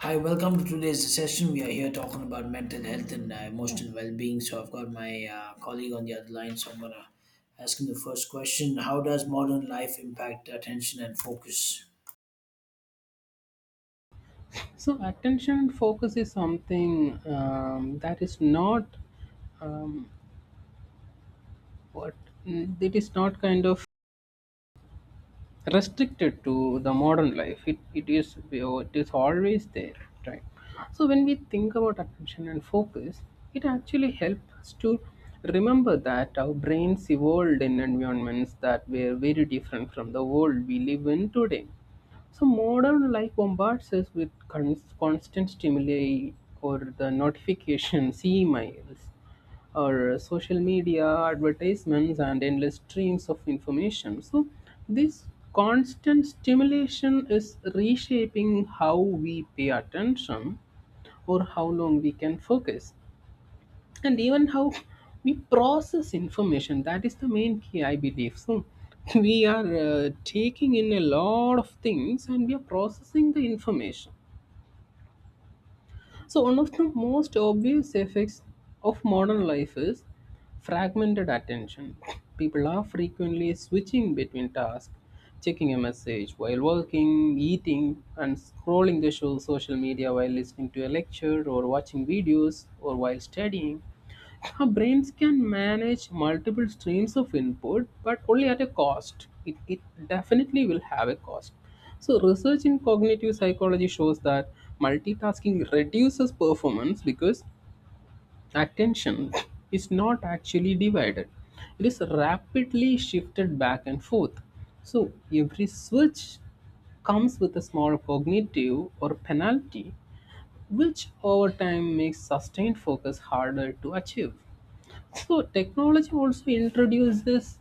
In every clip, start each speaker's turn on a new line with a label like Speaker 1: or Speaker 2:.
Speaker 1: Hi, welcome to today's session. We are here talking about mental health and emotional well-being. So I've got my colleague on the other line, so I'm gonna ask him the first question. How does modern life impact attention and focus?
Speaker 2: So, attention and focus is something that is not um, what it is not kind of restricted to the modern life, it, it is always there, right? So when we think about attention and focus, it actually helps us to remember that our brains evolved in environments that were very different from the world we live in today. So modern life bombards us with constant stimuli or the notifications, emails, or social media advertisements and endless streams of information. So this constant stimulation is reshaping how we pay attention or how long we can focus and even how we process information. That is the main key I believe. So we are taking in a lot of things and we are processing the information. So, one of the most obvious effects of modern life is fragmented attention. People are frequently switching between tasks, checking a message while working, eating, and scrolling the show, social media while listening to a lecture or watching videos or while studying. Our brains can manage multiple streams of input, but only at a cost. It definitely will have a cost. So, research in cognitive psychology shows that multitasking reduces performance because attention is not actually divided, it is rapidly shifted back and forth. So, every switch comes with a small cognitive or penalty, which over time makes sustained focus harder to achieve. So technology also introduces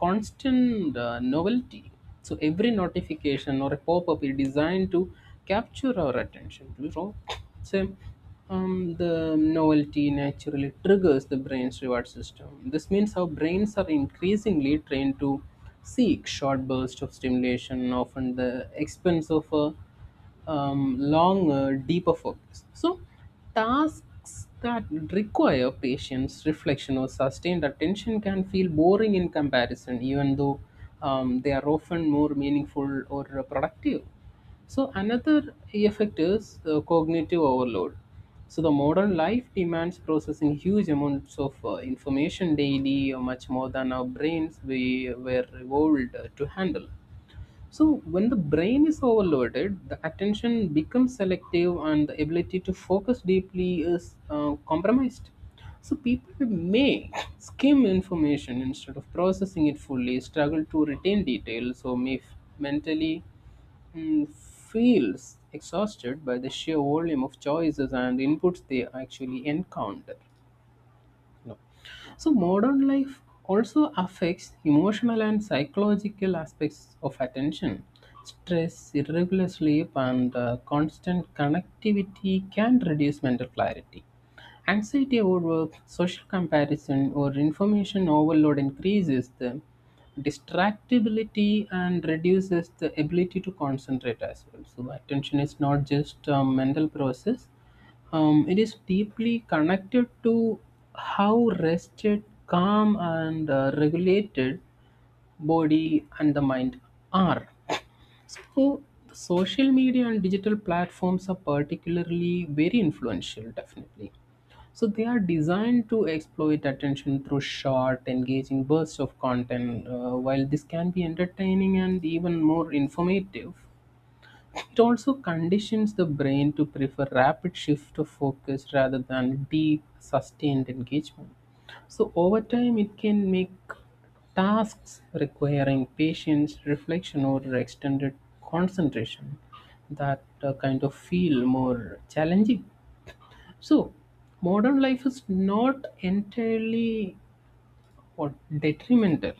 Speaker 2: constant novelty. So every notification or a pop-up is designed to capture our attention. So the novelty naturally triggers the brain's reward system. This means our brains are increasingly trained to seek short bursts of stimulation, often the expense of a long, deeper focus. So, tasks that require patience, reflection, or sustained attention can feel boring in comparison, even though they are often more meaningful or productive. So, another effect is cognitive overload. So, the modern life demands processing huge amounts of information daily, much more than our brains we were evolved to handle. So, when the brain is overloaded, the attention becomes selective and the ability to focus deeply is compromised. So, people may skim information instead of processing it fully, struggle to retain details, or may mentally feels exhausted by the sheer volume of choices and inputs they actually encounter. So modern life also affects emotional and psychological aspects of attention. Stress, irregular sleep, and constant connectivity can reduce mental clarity. Anxiety overwork, social comparison, or information overload increases the distractibility and reduces the ability to concentrate as well. So attention is not just a mental process; it is deeply connected to how rested, calm, and regulated body and the mind are. So, the social media and digital platforms are particularly very influential, definitely. So, they are designed to exploit attention through short, engaging bursts of content. While this can be entertaining and even more informative, it also conditions the brain to prefer rapid shift of focus rather than deep, sustained engagement. So, over time, it can make tasks requiring patience, reflection, or extended concentration that kind of feel more challenging. So, modern life is not entirely or detrimental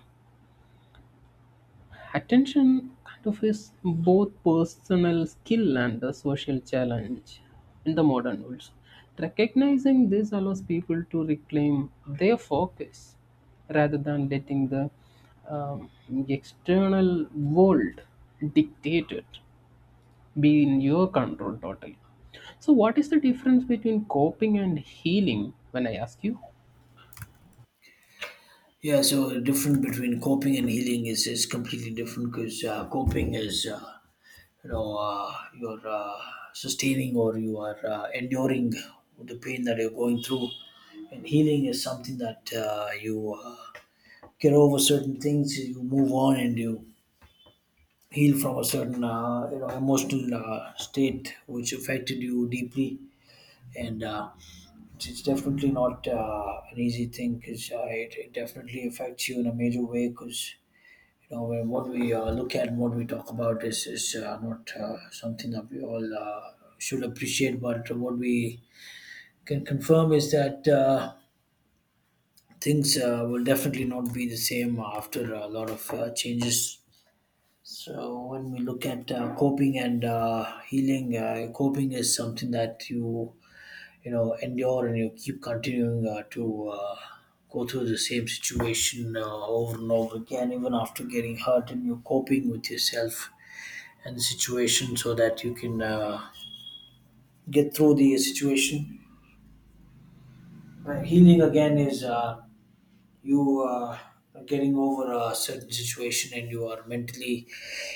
Speaker 2: attention kind of is both personal skill and a social challenge in the modern world. Recognizing this allows people to reclaim their focus rather than letting the um, external world dictate it, be in your control totally. So, what is the difference between coping and healing when I ask you?
Speaker 1: Yeah, so the difference between coping and healing is completely different because coping is you're sustaining, or you are enduring the pain that you're going through. And healing is something that you get over certain things, you move on and you heal from a certain you know emotional state which affected you deeply, and it's definitely not an easy thing because it definitely affects you in a major way. Because you know, when what we look at and what we talk about is not something that we all should appreciate, but what we can confirm is that things will definitely not be the same after a lot of changes. So when we look at coping and healing, coping is something that you know endure and you keep continuing to go through the same situation over and over again, even after getting hurt, and you're coping with yourself and the situation so that you can get through the situation. But healing again is you are getting over a certain situation, and you are mentally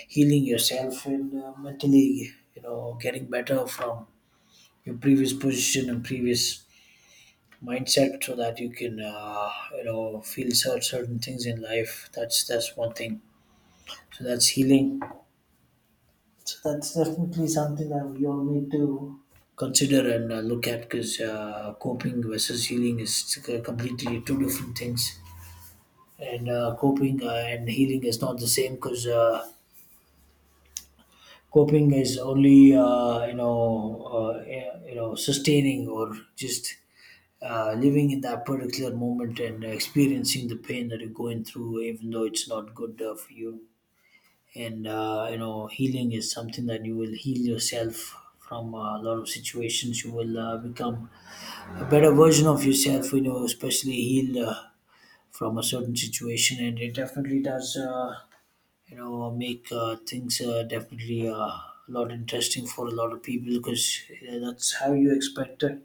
Speaker 1: healing yourself and mentally you know getting better from your previous position and previous mindset, so that you can you know feel certain things in life. That's one thing, so that's healing. So that's definitely something that we all need to consider and look at, because coping versus healing is completely two different things. And coping and healing is not the same, because coping is only you know sustaining, or just living in that particular moment and experiencing the pain that you're going through, even though it's not good for you. And you know, healing is something that you will heal yourself from a lot of situations. You will become a better version of yourself, you know, especially heal from a certain situation. And it definitely does you know make things definitely a lot interesting for a lot of people, because that's how you expect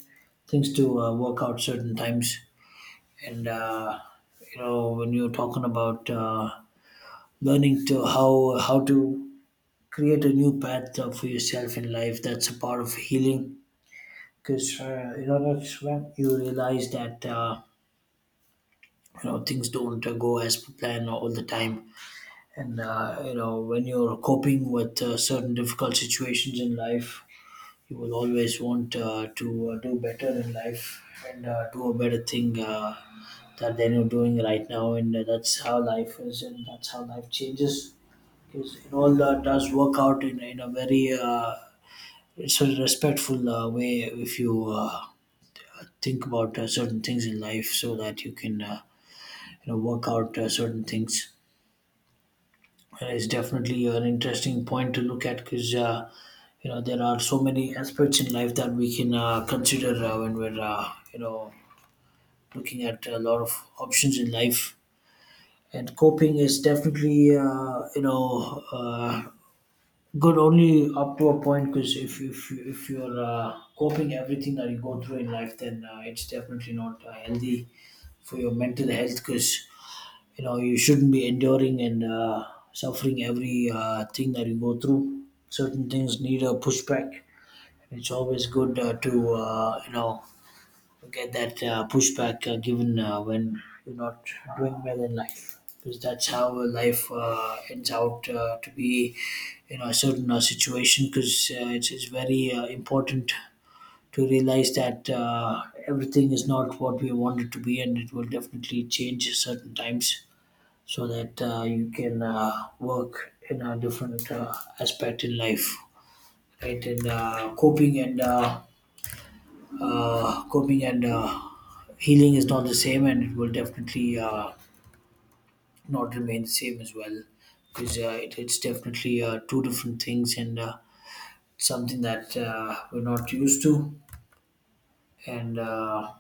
Speaker 1: things to work out certain times. And you know, when you're talking about learning to how to create a new path for yourself in life, that's a part of healing. Because you know, that's when you realize that you know things don't go as per plan all the time. And you know, when you're coping with certain difficult situations in life, you will always want to do better in life and do a better thing that than you're doing right now. And that's how life is, and that's how life changes. Because it all does work out in a very it's a respectful way, if you think about certain things in life, so that you can you know work out certain things. It's definitely an interesting point to look at, because you know, there are so many aspects in life that we can consider when we're you know looking at a lot of options in life. And coping is definitely good only up to a point, because if you're coping everything that you go through in life, then it's definitely not healthy for your mental health. Because you know, you shouldn't be enduring and suffering every thing that you go through. Certain things need a pushback. It's always good to you know get that pushback given when you're not doing well in life, because that's how life ends out to be you know a certain situation. Because it's very important to realize that everything is not what we want it to be, and it will definitely change certain times, so that you can work in a different aspect in life. Right, and coping and healing is not the same, and it will definitely not remain the same as well. Because it's definitely two different things and something that we're not used to. And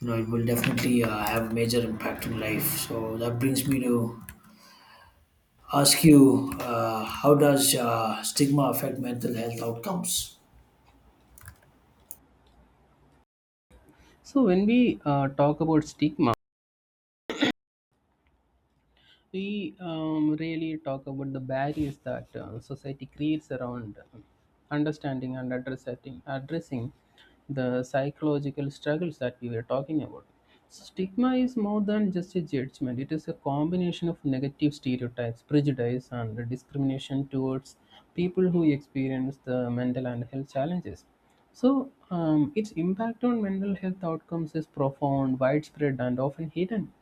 Speaker 1: you know, it will definitely have major impact on life. So that brings me to ask you how does stigma affect mental health outcomes?
Speaker 2: So, when we talk about stigma, we really talk about the barriers that society creates around understanding and addressing the psychological struggles that we were talking about. So stigma is more than just a judgment. It is a combination of negative stereotypes, prejudice, and discrimination towards people who experience the mental and health challenges. So, its impact on mental health outcomes is profound, widespread, and often hidden.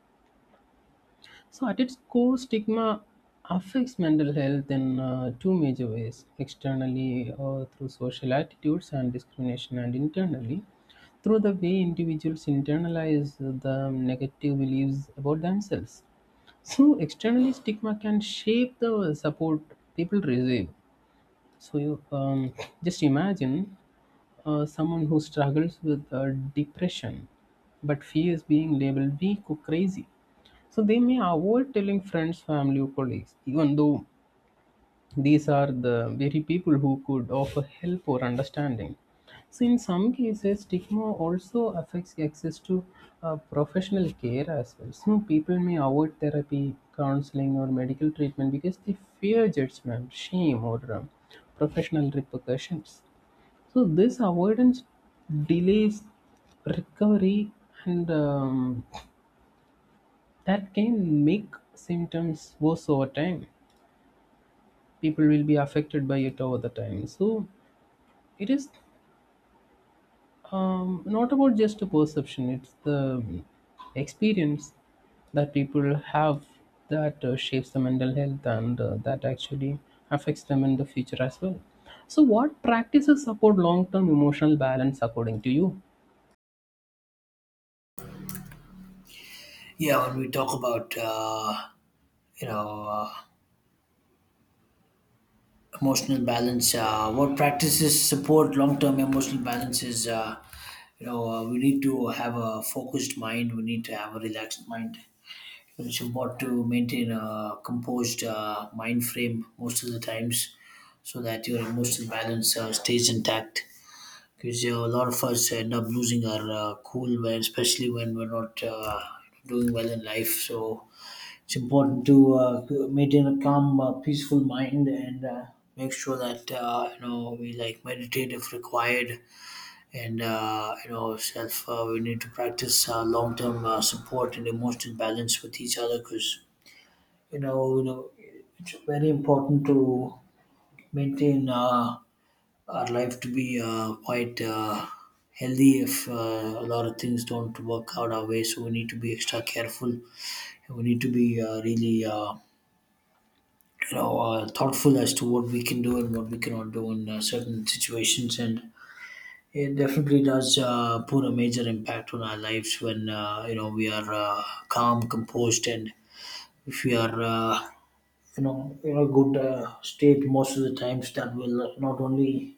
Speaker 2: So, at its core, stigma affects mental health in two major ways: externally through social attitudes and discrimination, and internally through the way individuals internalize the negative beliefs about themselves. So, externally, stigma can shape the support people receive. So you just imagine someone who struggles with depression, but fears being labeled weak or crazy. So they may avoid telling friends, family, or colleagues, even though these are the very people who could offer help or understanding. So, in some cases, stigma also affects access to professional care as well. So, people may avoid therapy, counseling, or medical treatment because they fear judgment, shame, or professional repercussions. So, this avoidance delays recovery, and that can make symptoms worse over time. People will be affected by it over the time. So it is not about just a perception, it's the experience that people have that shapes the mental health and that actually affects them in the future as well. So what practices support long-term emotional balance according to you?
Speaker 1: Yeah, when we talk about you know uh, emotional balance, what practices support long-term emotional balance is we need to have a focused mind, we need to have a relaxed mind. It's important to maintain a composed mind frame most of the times, so that your emotional balance stays intact. Because a lot of us end up losing our cool, when especially when we're not doing well in life. So it's important to to maintain a calm peaceful mind and make sure that you know we like meditate if required. And you know self we need to practice long-term support and emotional balance with each other. Because you know, it's very important to maintain our life to be quite healthy, if a lot of things don't work out our way. So we need to be extra careful. We need to be really thoughtful as to what we can do and what we cannot do in certain situations. And it definitely does put a major impact on our lives, when you know we are calm, composed, and if we are you know in a good state most of the times, that will not only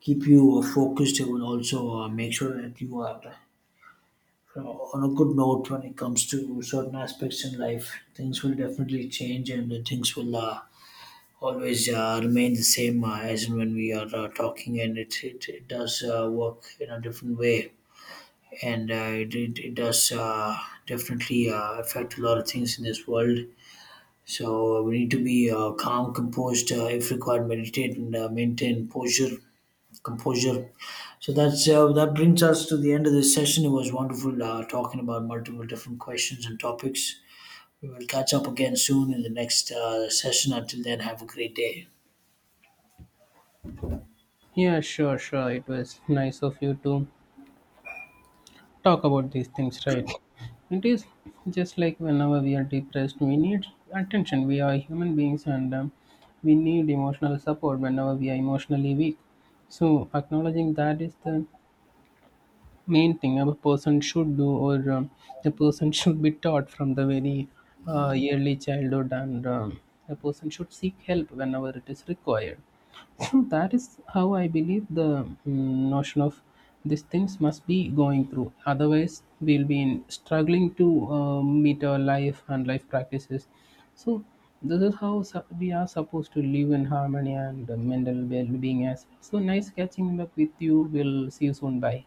Speaker 1: keep you focused. It will also make sure that you are on a good note when it comes to certain aspects in life. Things will definitely change, and things will always remain the same as and when we are talking. And it does work in a different way, and it does definitely affect a lot of things in this world. So we need to be calm, composed. If required, meditate and maintain posture, composure. So that's that brings us to the end of this session. It was wonderful talking about multiple different questions and topics. We will catch up again soon in the next session. Until then, have a great day.
Speaker 2: Yeah, sure, sure, it was nice of you to talk about these things, right? It is just like whenever we are depressed, we need attention. We are human beings and we need emotional support whenever we are emotionally weak. So, acknowledging that is the main thing a person should do, or the person should be taught from the very early childhood, and a person should seek help whenever it is required. So that is how I believe the notion of these things must be going through, otherwise we'll be in struggling to meet our life and life practices. So this is how we are supposed to live in harmony and mental well-being as well. So nice catching up with you, we'll see you soon. Bye.